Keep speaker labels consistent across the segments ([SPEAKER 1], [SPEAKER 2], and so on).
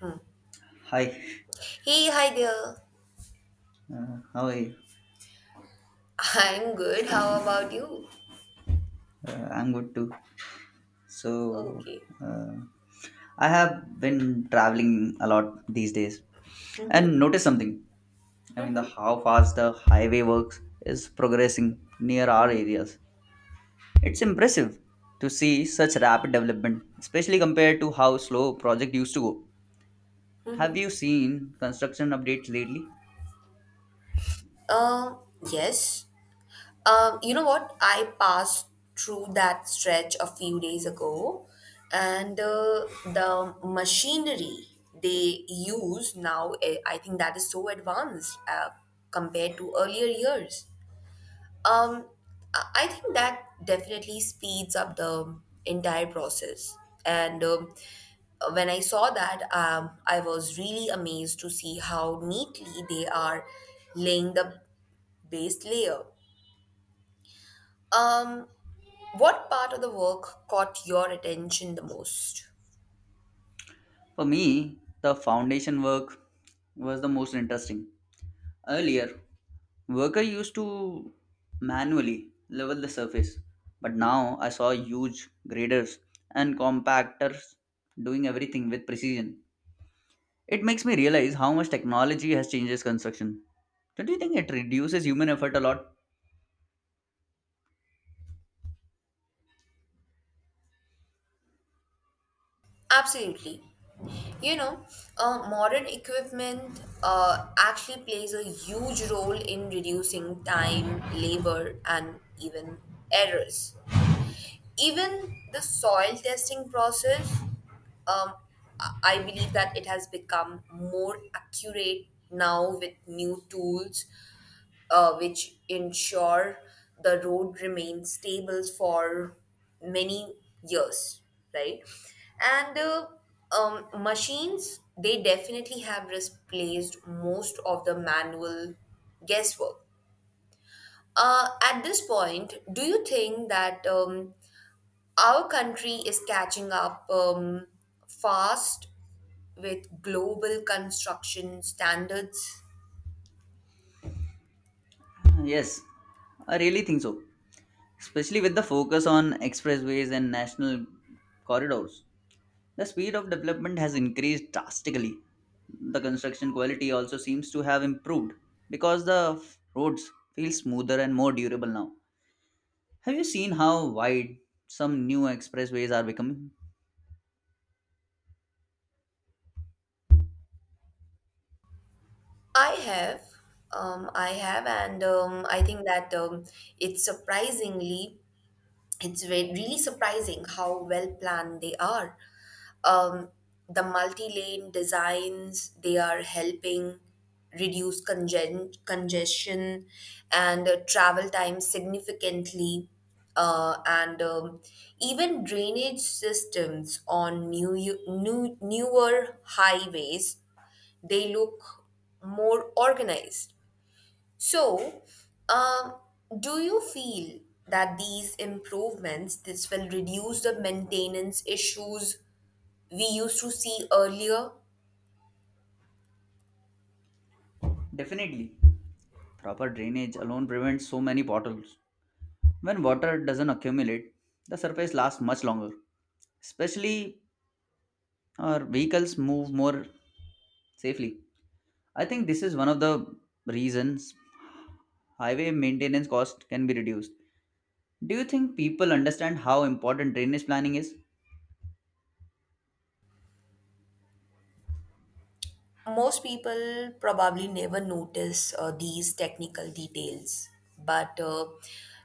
[SPEAKER 1] Hmm.
[SPEAKER 2] Hi,
[SPEAKER 1] Hey, hi there.
[SPEAKER 2] how are you?
[SPEAKER 1] I'm good. How about you?
[SPEAKER 2] I'm good too. So,
[SPEAKER 1] Okay.
[SPEAKER 2] uh, I have been traveling a lot these days
[SPEAKER 1] Mm-hmm.
[SPEAKER 2] and noticed something. I mean, the how fast the highway works is progressing near our
[SPEAKER 1] Mm-hmm.
[SPEAKER 2] areas. It's impressive to see such rapid development, especially compared to how slow project used to go. Have you seen construction updates lately?
[SPEAKER 1] Um, yes. You know what? I passed through that stretch a few days ago, and the machinery they use now, I think that is so advanced compared to earlier years. Um, I think that definitely speeds up the entire process. And when I saw that, I was really amazed to see how neatly they are laying the base layer. Um, what part of the work caught your attention the most?
[SPEAKER 2] For me, the foundation work was the most interesting. Earlier, worker used to manually level the surface, but now I saw huge graders and compactors doing everything with precision. It makes me realize how much technology has changed this construction. Don't you think it reduces human effort a lot?
[SPEAKER 1] Absolutely. You know, Modern equipment actually plays a huge role in reducing time, labor, and even errors. Even the soil testing process, um, I believe that it has become more accurate now with new tools, which ensure the road remains stable for many years, right? And machines, they definitely have replaced most of the manual guesswork. At this point, do you think that our country is catching up fast with global construction standards?
[SPEAKER 2] Yes, I really think so, especially with the focus on expressways and national corridors. The speed of development has increased drastically. The construction quality also seems to have improved because the roads feel smoother and more durable now. Have you seen how wide some new expressways are becoming?
[SPEAKER 1] I have, I have, and I think that it's surprisingly, it's really surprising how well planned they are. um, the multi-lane designs they are helping reduce congestion and travel time significantly and even drainage systems on newer highways they look more organized. So um, do you feel that these improvements this will reduce the maintenance issues we used to see earlier?
[SPEAKER 2] Definitely. Proper drainage alone prevents so many potholes. When water doesn't accumulate, the surface lasts much longer. Especially, our vehicles move more safely. I think this is one of the reasons highway maintenance cost can be reduced. Do you think people understand how important drainage planning is?
[SPEAKER 1] Most people probably never notice these technical details, but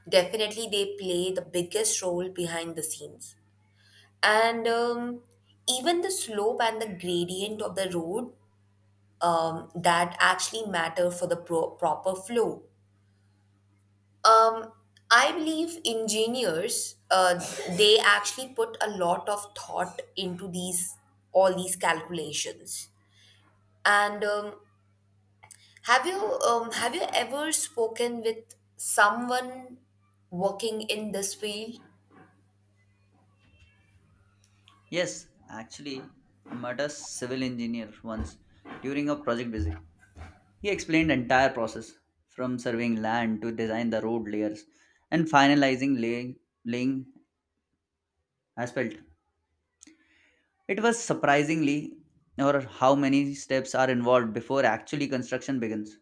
[SPEAKER 1] definitely they play the biggest role behind the scenes. And even the slope and the gradient of the road, that actually matter for the proper flow. Um, I believe engineers they actually put a lot of thought into these all these calculations. And um, Have you um, have you ever spoken with someone working in this field?
[SPEAKER 2] Yes, actually, I met a civil engineer once during a project visit. He explained entire process from surveying land to design the road layers and finalizing laying asphalt. It was surprisingly or how many steps are involved before actually construction begins.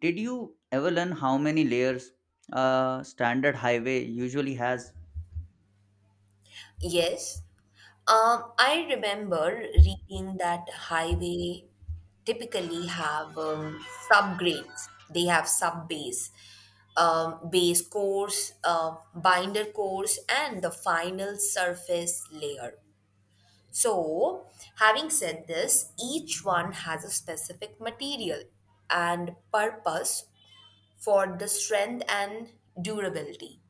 [SPEAKER 2] Did you ever learn how many layers a standard highway usually has?
[SPEAKER 1] Yes. I remember reading that highway typically have subgrades. They have sub base, base course, binder course, and the final surface layer. So, having said this, each one has a specific material and purpose for the strength and durability.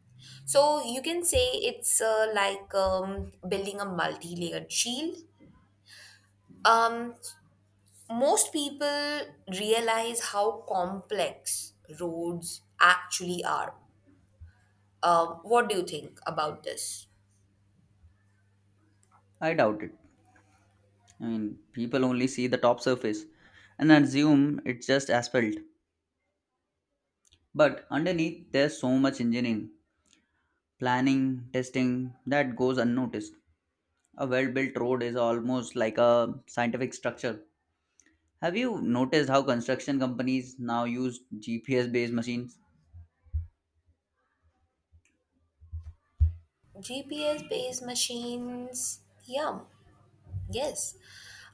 [SPEAKER 1] So you can say it's like building a multi-layered shield. Um, Most people realize how complex roads actually are. What do you think about this?
[SPEAKER 2] I doubt it. I mean, people only see the top surface and assume it's just asphalt. But underneath, there's so much engineering, planning, testing that goes unnoticed. A well built road is almost like a scientific structure. Have you noticed how construction companies now use GPS based machines?
[SPEAKER 1] GPS-based machines, yeah, yes.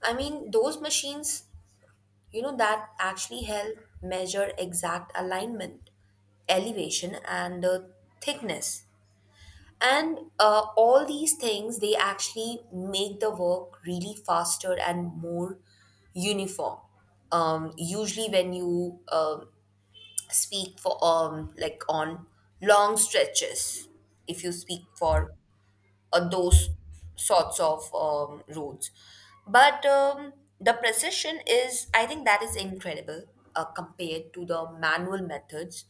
[SPEAKER 1] I mean, those machines that actually help measure exact alignment, elevation, and the thickness, and all these things they actually make the work really faster and more uniform, usually when you speak for like on long stretches, if you speak for those sorts of roads. But the precision is, I think that is incredible compared to the manual methods.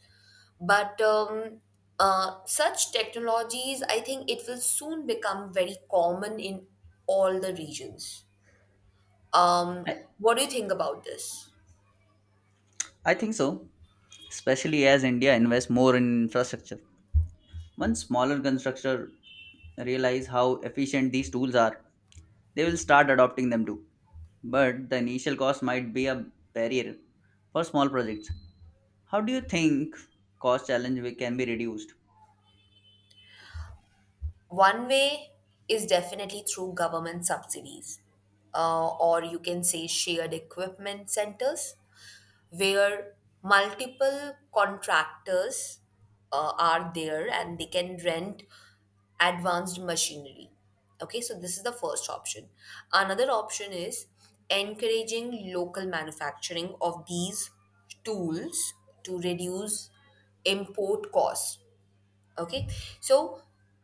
[SPEAKER 1] But such technologies, I think it will soon become very common in all the regions.
[SPEAKER 2] I,
[SPEAKER 1] What do you think about this?
[SPEAKER 2] I think so, especially as India invests more in infrastructure. Once smaller constructors realize how efficient these tools are, they will start adopting them too. But the initial cost might be a barrier for small projects. How do you think cost challenge can be reduced?
[SPEAKER 1] One way is definitely through government subsidies, or you can say shared equipment centers where multiple contractors are there and they can rent advanced machinery. Okay, so this is the first option. Another option is encouraging local manufacturing of these tools to reduce import costs. Okay, so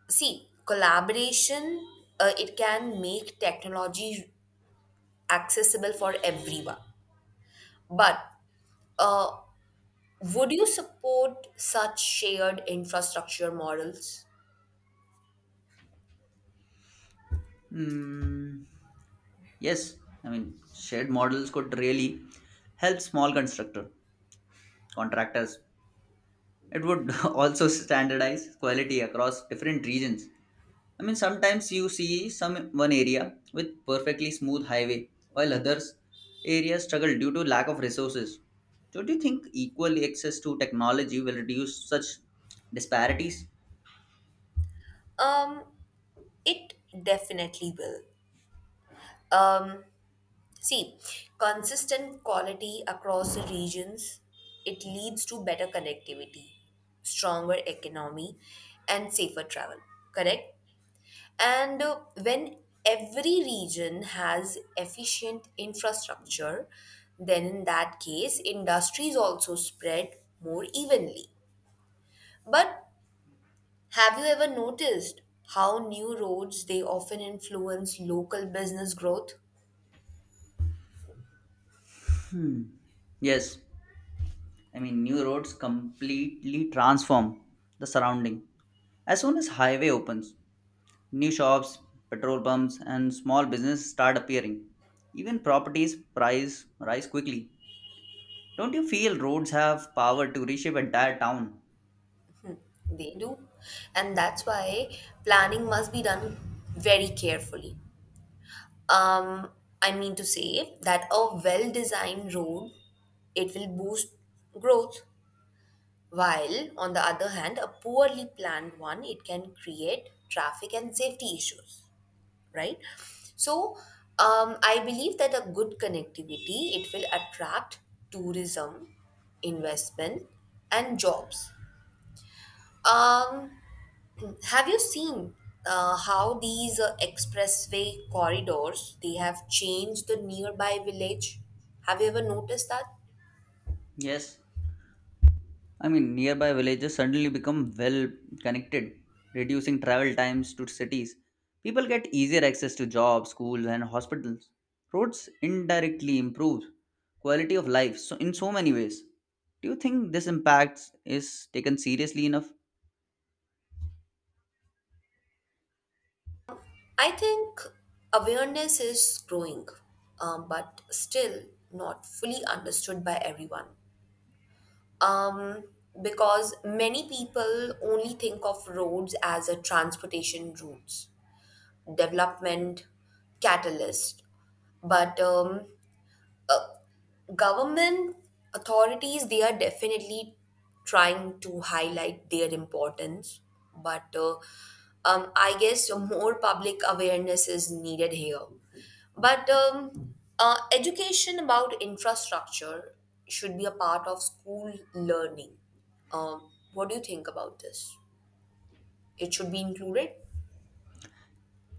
[SPEAKER 1] see, collaboration it can make technology accessible for everyone, but uh, would you support such shared infrastructure models?
[SPEAKER 2] Hmm, yes, I mean shared models could really help small constructor contractors. It would also standardize quality across different regions. I mean, sometimes you see some one area with perfectly smooth highway, while others areas struggle due to lack of resources. Don't you think equal access to technology will reduce such disparities?
[SPEAKER 1] Um, it definitely will. Um, See, consistent quality across the regions, it leads to better connectivity, stronger economy, and safer travel, correct? And when every region has efficient infrastructure, then in that case, industries also spread more evenly. But have you ever noticed how new roads they often influence local business growth?
[SPEAKER 2] Yes, I mean new roads completely transform the surrounding. As soon as highway opens, new shops, petrol pumps, and small businesses start appearing. Even properties price rise quickly. Don't you feel roads have power to reshape entire town?
[SPEAKER 1] They do. And that's why planning must be done very carefully. Um, I mean to say that a well-designed road it will boost growth, while on the other hand a poorly planned one it can create traffic and safety issues. Right. So I believe that a good connectivity it will attract tourism, investment, and jobs. Um, have you seen how these expressway corridors they have changed the nearby village? Have you ever noticed that?
[SPEAKER 2] Yes, I mean, nearby villages suddenly become well connected, reducing travel times to cities. People get easier access to jobs, schools, and hospitals. Roads indirectly improve quality of life so in so many ways. Do you think this impact is taken seriously enough?
[SPEAKER 1] I think awareness is growing, but still not fully understood by everyone, um, because many people only think of roads as a transportation routes, development catalyst. But government authorities they are definitely trying to highlight their importance. But I guess more public awareness is needed here. But education about infrastructure should be a part of school learning. What do you think about this? It should be included.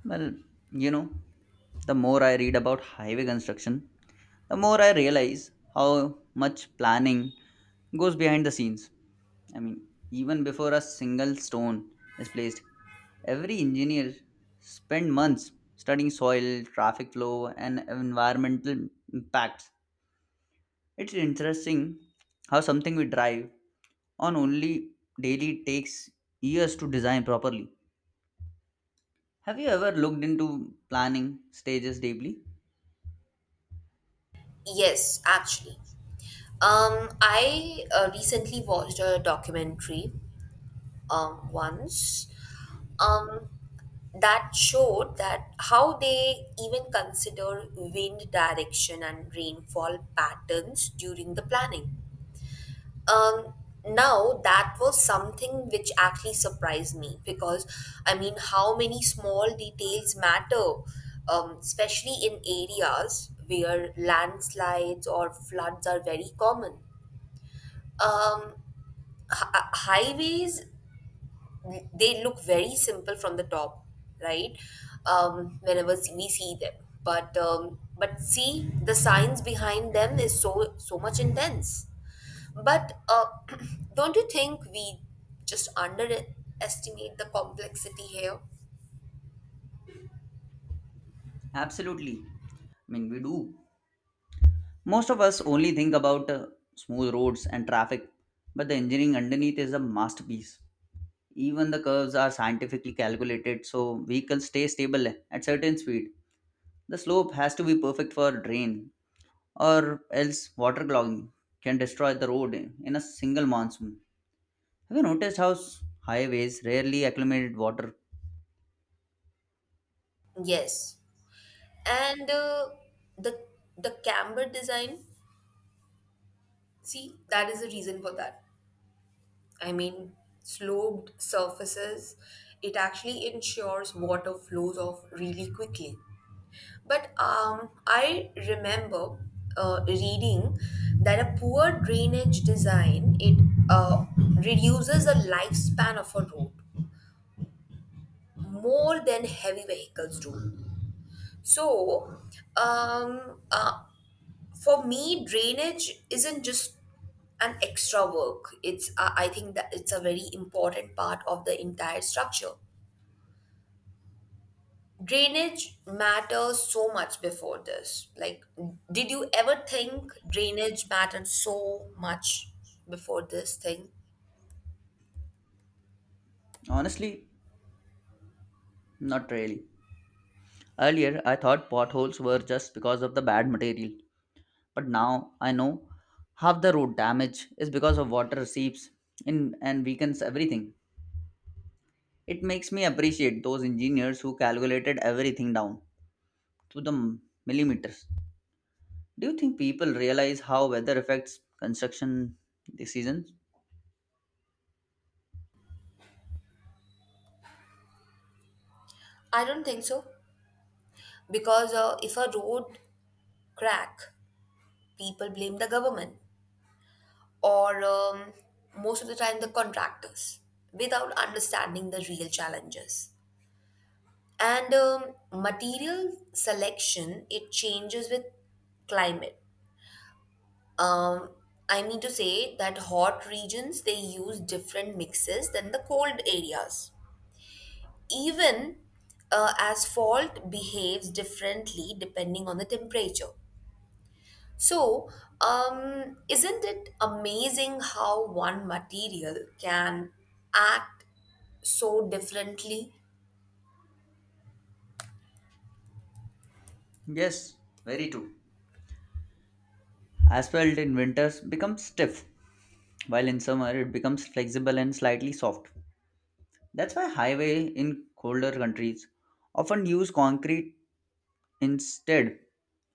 [SPEAKER 2] Well, you know, the more I read about highway construction, the more I realize how much planning goes behind the scenes. I mean, even before a single stone is placed, every engineer spend months studying soil, traffic flow, and environmental impacts. It's interesting how something we drive on only daily takes years to design properly. Have you ever looked into planning stages deeply?
[SPEAKER 1] Yes, actually, I recently watched a documentary once, um, that showed that how they even consider wind direction and rainfall patterns during the planning. Um, Now that was something which actually surprised me because I mean, how many small details matter, especially in areas where landslides or floods are very common. Um, Highways they look very simple from the top, right? Whenever we see them, but see the science behind them is so much intense. But don't you think we just underestimate the complexity here?
[SPEAKER 2] Absolutely. I mean, we do. Most of us only think about smooth roads and traffic, but the engineering underneath is a masterpiece. Even the curves are scientifically calculated so vehicles stay stable at certain speed. The slope has to be perfect for drain or else water clogging can destroy the road in a single monsoon. Have you noticed how highways rarely accumulate water?
[SPEAKER 1] Yes, and the camber design. See, that is the reason for that. I mean, sloped surfaces, it actually ensures water flows off really quickly. But I remember reading that a poor drainage design it uh, reduces the lifespan of a road more than heavy vehicles do. So, um, uh, for me drainage isn't just an extra work. It's i I think that it's a very important part of the entire structure. Drainage matters so much before this. Like, did you ever think drainage mattered so much before this thing?
[SPEAKER 2] Honestly, not really. Earlier, I thought potholes were just because of the bad material, but now I know half the road damage is because of water seeps in and weakens everything. It makes me appreciate those engineers who calculated everything down to the millimeters. Do you think people realize how weather affects construction decisions?
[SPEAKER 1] I don't think so, because if a road crack people blame the government, or most of the time the contractors, without understanding the real challenges. And material selection it changes with climate. Um, i mean to say that hot regions they use different mixes than the cold areas. Even asphalt behaves differently depending on the temperature. So isn't it amazing how one material can act so differently?
[SPEAKER 2] Yes, very true. Asphalt in winters becomes stiff, while in summer it becomes flexible and slightly soft. That's why highway in colder countries often use concrete instead,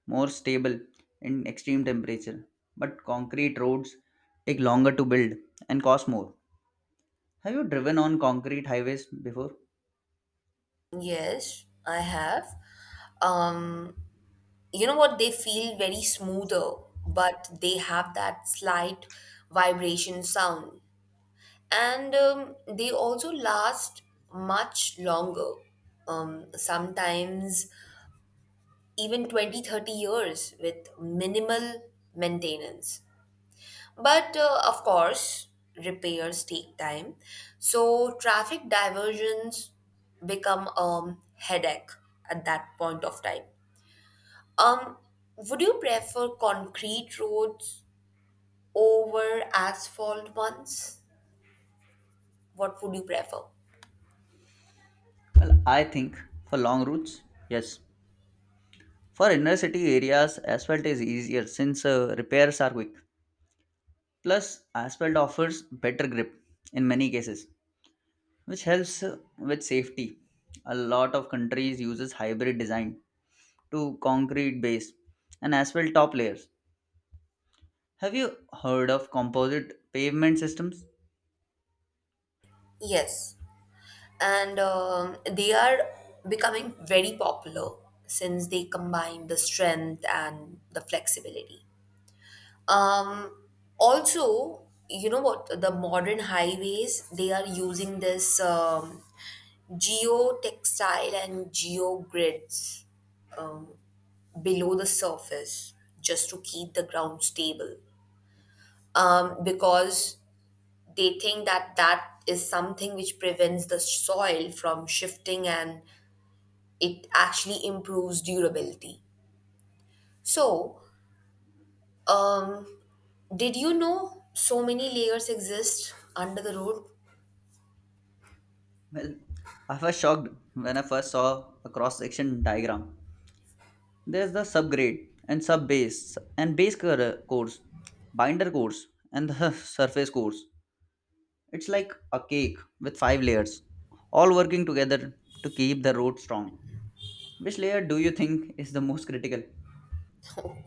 [SPEAKER 2] more stable in extreme temperature. But concrete roads take longer to build and cost more. Have you driven on concrete highways before?
[SPEAKER 1] Yes, I have. um you know what? They feel very smoother, but they have that slight vibration sound. And they also last much longer, sometimes even 20, 30 years with minimal maintenance. But of course repairs take time, so traffic diversions become a headache at that point of time. Um, would you prefer concrete roads over asphalt ones? What would you prefer?
[SPEAKER 2] Well, I think for long routes, yes. For inner city areas, asphalt is easier since repairs are quick. Plus, asphalt offers better grip in many cases, which helps with safety. A lot of countries uses hybrid design to concrete base and asphalt top layers. Have you heard of composite pavement systems?
[SPEAKER 1] Yes, and they are becoming very popular since they combine the strength and the flexibility. Um, Also, you know what? The modern highways they are using this geotextile and geogrids below the surface just to keep the ground stable. Because they think that that is something which prevents the soil from shifting and it actually improves durability. So, um, did you know so many layers exist under the road?
[SPEAKER 2] Well, I was shocked when I first saw a cross section diagram. There's the subgrade and sub base and base course, binder course, and the surface course. It's like a cake with five layers, all working together to keep the road strong. Which layer do you think is the most critical?
[SPEAKER 1] No,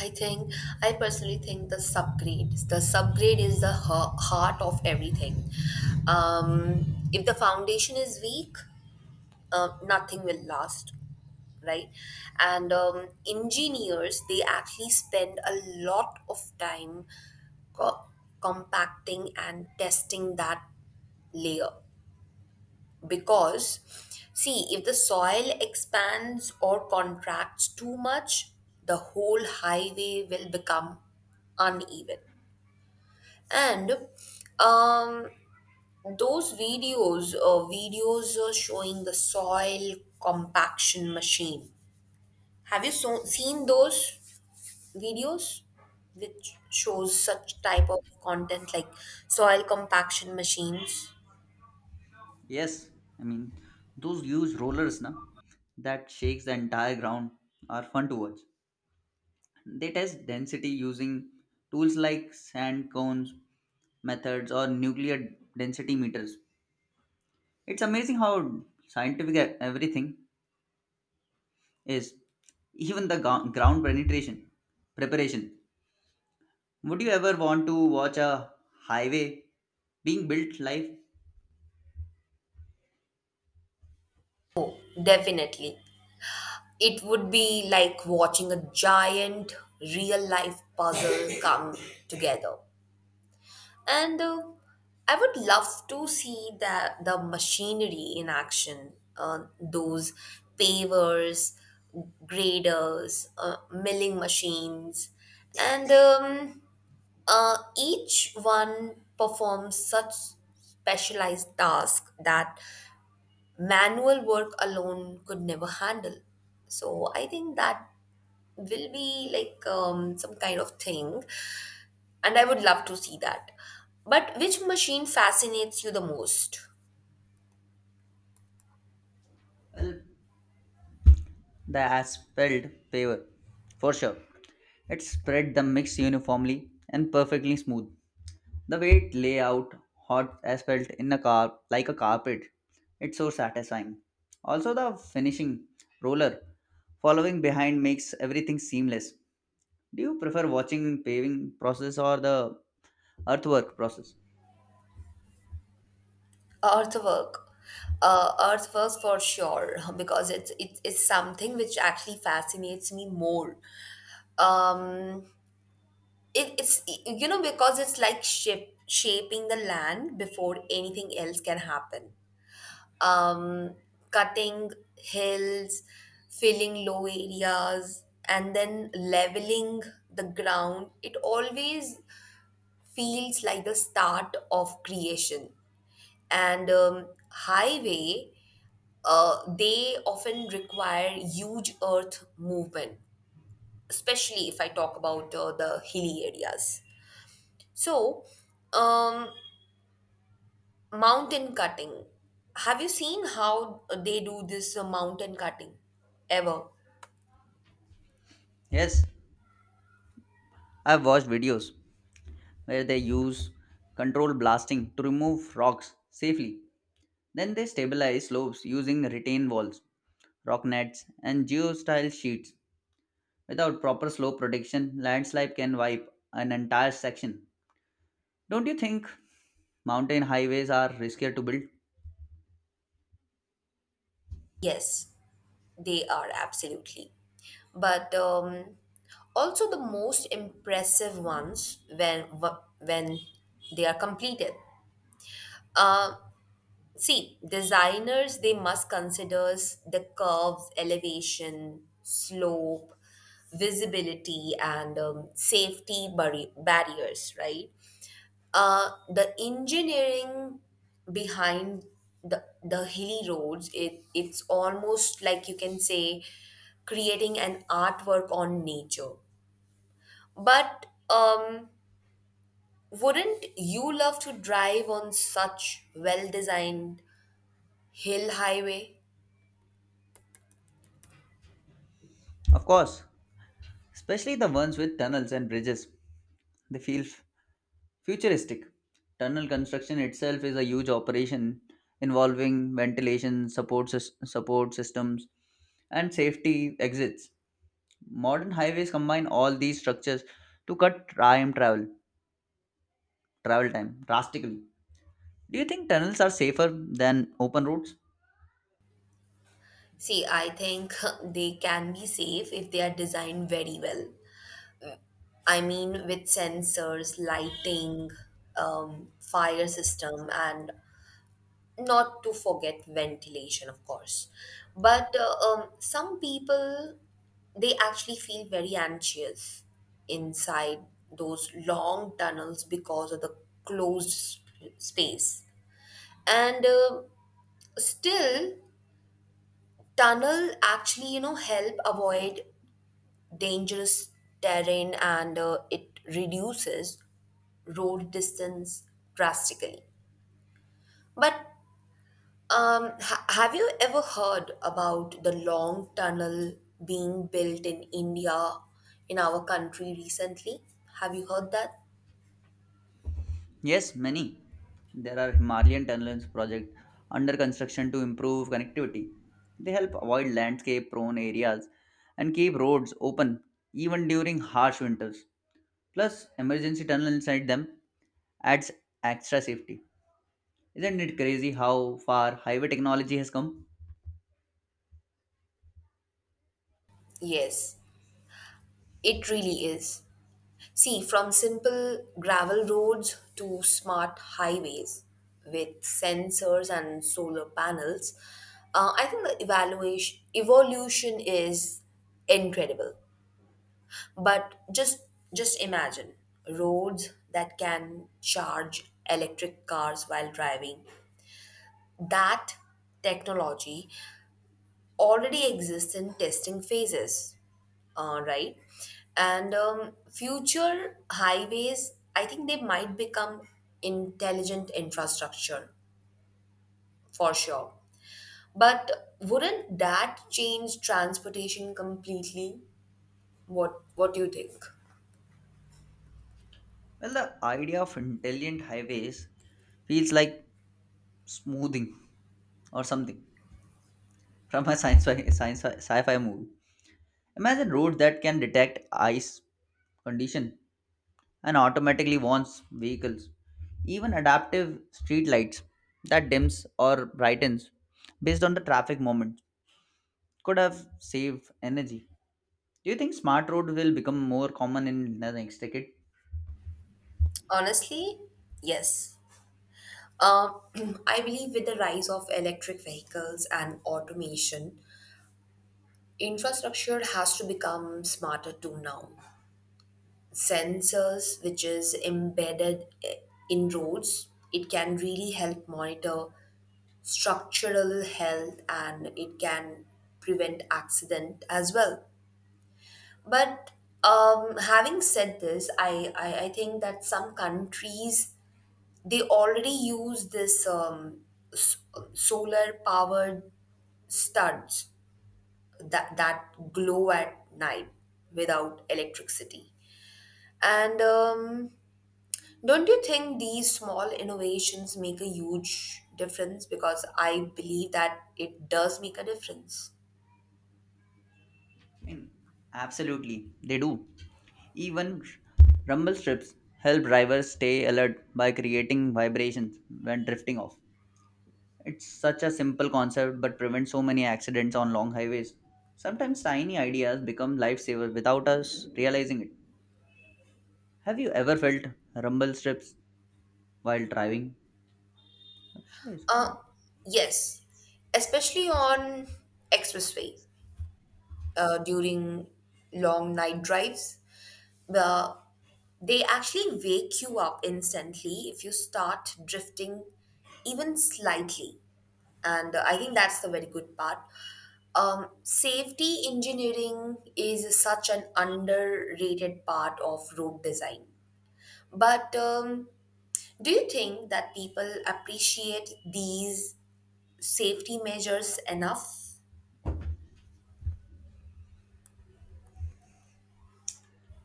[SPEAKER 1] I think I personally think the subgrade. The subgrade is the heart of everything. Um, if the foundation is weak, nothing will last. Right. And engineers they actually spend a lot of time co- compacting and testing that layer, because see, if the soil expands or contracts too much, the whole highway will become uneven. And um those videos, showing the soil compaction machine, have you seen those videos which shows such type of content like soil compaction machines?
[SPEAKER 2] Yes, I mean those huge rollers, na, that shakes the entire ground are fun to watch. They test density using tools like sand cones methods or nuclear density meters. It's amazing how scientific everything is, even the ground penetration preparation. Would you ever want to watch a highway being built live?
[SPEAKER 1] Definitely. It would be like watching a giant real life puzzle come together, and I would love to see that the machinery in action, those pavers, graders, milling machines, and each one performs such specialized tasks that manual work alone could never handle. So I think that will be like some kind of thing, and I would love to see that. But which machine fascinates you the most?
[SPEAKER 2] The asphalt paver, for sure. It spread the mix uniformly and perfectly smooth. The way it lay out hot asphalt in a car like a carpet, it's so satisfying. Also, the finishing roller following behind makes everything seamless. Do you prefer watching paving process or the earthwork process?
[SPEAKER 1] Earthwork. Earthworks for sure, because it's something which actually fascinates me more. Um, it's because it's like shaping the land before anything else can happen. um Cutting hills, filling low areas, and then leveling the ground, it always feels like the start of creation. And highway they often require huge earth movement, especially if I talk about the hilly areas. So, um mountain cutting. Have you seen how they do this mountain cutting? Ever?
[SPEAKER 2] Yes, I've watched videos where they use control blasting to remove rocks safely. Then they stabilize slopes using retain walls, rock nets, and geostyle sheets. Without proper slope protection, landslide can wipe an entire section. Don't you think mountain highways are riskier to build?
[SPEAKER 1] Yes, they are absolutely. But also the most impressive ones when when they are completed. Uh, See, designers they must consider the curves, elevation, slope, visibility, and safety barriers, right? The engineering behind the hilly roads, it's almost like you can say creating an artwork on nature. But wouldn't you love to drive on such well-designed hill highway?
[SPEAKER 2] Of course, especially the ones with tunnels and bridges. They feel futuristic. Tunnel construction itself is a huge operation involving ventilation, support, support systems, and safety exits. Modern highways combine all these structures to cut time travel travel time drastically. Do you think tunnels are safer than open roads?
[SPEAKER 1] See, I think they can be safe if they are designed very well. I mean, with sensors, lighting, fire system, and not to forget ventilation, of course. But some people they actually feel very anxious inside those long tunnels because of the closed space. And still tunnel actually help avoid dangerous terrain, and it reduces road distance drastically. But have you ever heard about the long tunnel being built in India, in our country recently? Have you heard that?
[SPEAKER 2] Yes, many. There are Himalayan tunnels project under construction to improve connectivity. They help avoid landscape prone areas and keep roads open even during harsh winters. Plus, emergency tunnel inside them adds extra safety. Isn't it crazy how far highway technology has come?
[SPEAKER 1] Yes, it really is. See, from simple gravel roads to smart highways with sensors and solar panels, I think the evaluation evolution is incredible. But just imagine roads that can charge electric cars while driving. That technology already exists in testing phases, right? And future highways, I think they might become intelligent infrastructure for sure. But wouldn't that change transportation completely? What do you think?
[SPEAKER 2] Well, the idea of intelligent highways feels like smoothing or something from a sci-fi movie. Imagine roads that can detect ice condition and automatically warns vehicles. Even adaptive street lights that dims or brightens based on the traffic moment could have saved energy. Do you think smart road will become more common in the next decade?
[SPEAKER 1] Honestly, yes. Um, I believe with the rise of electric vehicles and automation, infrastructure has to become smarter too now. Sensors, which is embedded in roads, it can really help monitor structural health and it can prevent accident as well. But having said this, I think that some countries they already use this s- solar powered studs that glow at night without electricity. And don't you think these small innovations make a huge difference? Because I believe that it does make a difference.
[SPEAKER 2] I mean, absolutely, they do. Even rumble strips help drivers stay alert by creating vibrations when drifting off. It's such a simple concept but prevents so many accidents on long highways. Sometimes tiny ideas become lifesavers without us realizing it. Have you ever felt rumble strips while driving? Acha, iske-
[SPEAKER 1] Uh, yes, especially on expressway during long night drives. Uh, they actually wake you up instantly if you start drifting even slightly. And I think that's the very good part. Safety engineering is such an underrated part of road design. But do you think that people appreciate these safety measures enough?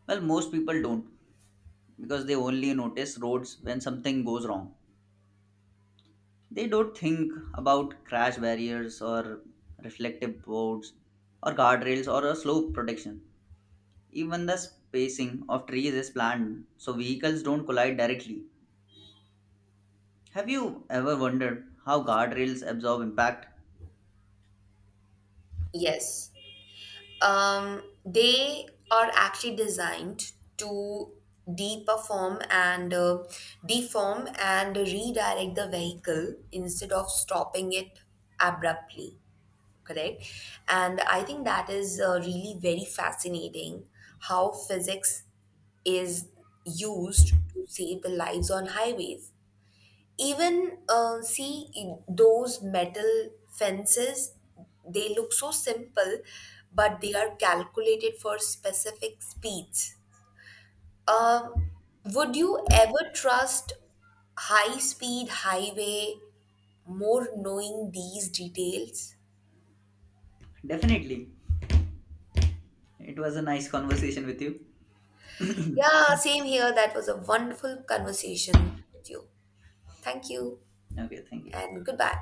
[SPEAKER 2] Well, most people don't because they only notice roads when something goes wrong. They don't think about crash barriers or reflective boards or guardrails or a slope protection. Even the spacing of trees is planned so vehicles don't collide directly. Have you ever wondered how guardrails absorb impact?
[SPEAKER 1] Yes. They are actually designed to deperform and deform and redirect the vehicle instead of stopping it abruptly. Correct. And I think that is really very fascinating how physics is used to save the lives on highways. Even see in those metal fences they look so simple but they are calculated for specific speeds. uh, would you ever trust high speed highway more knowing these details?
[SPEAKER 2] Definitely. It was a nice conversation with you.
[SPEAKER 1] Yeah, same here. That was a wonderful conversation with you. Thank you
[SPEAKER 2] Okay, thank you.
[SPEAKER 1] and goodbye.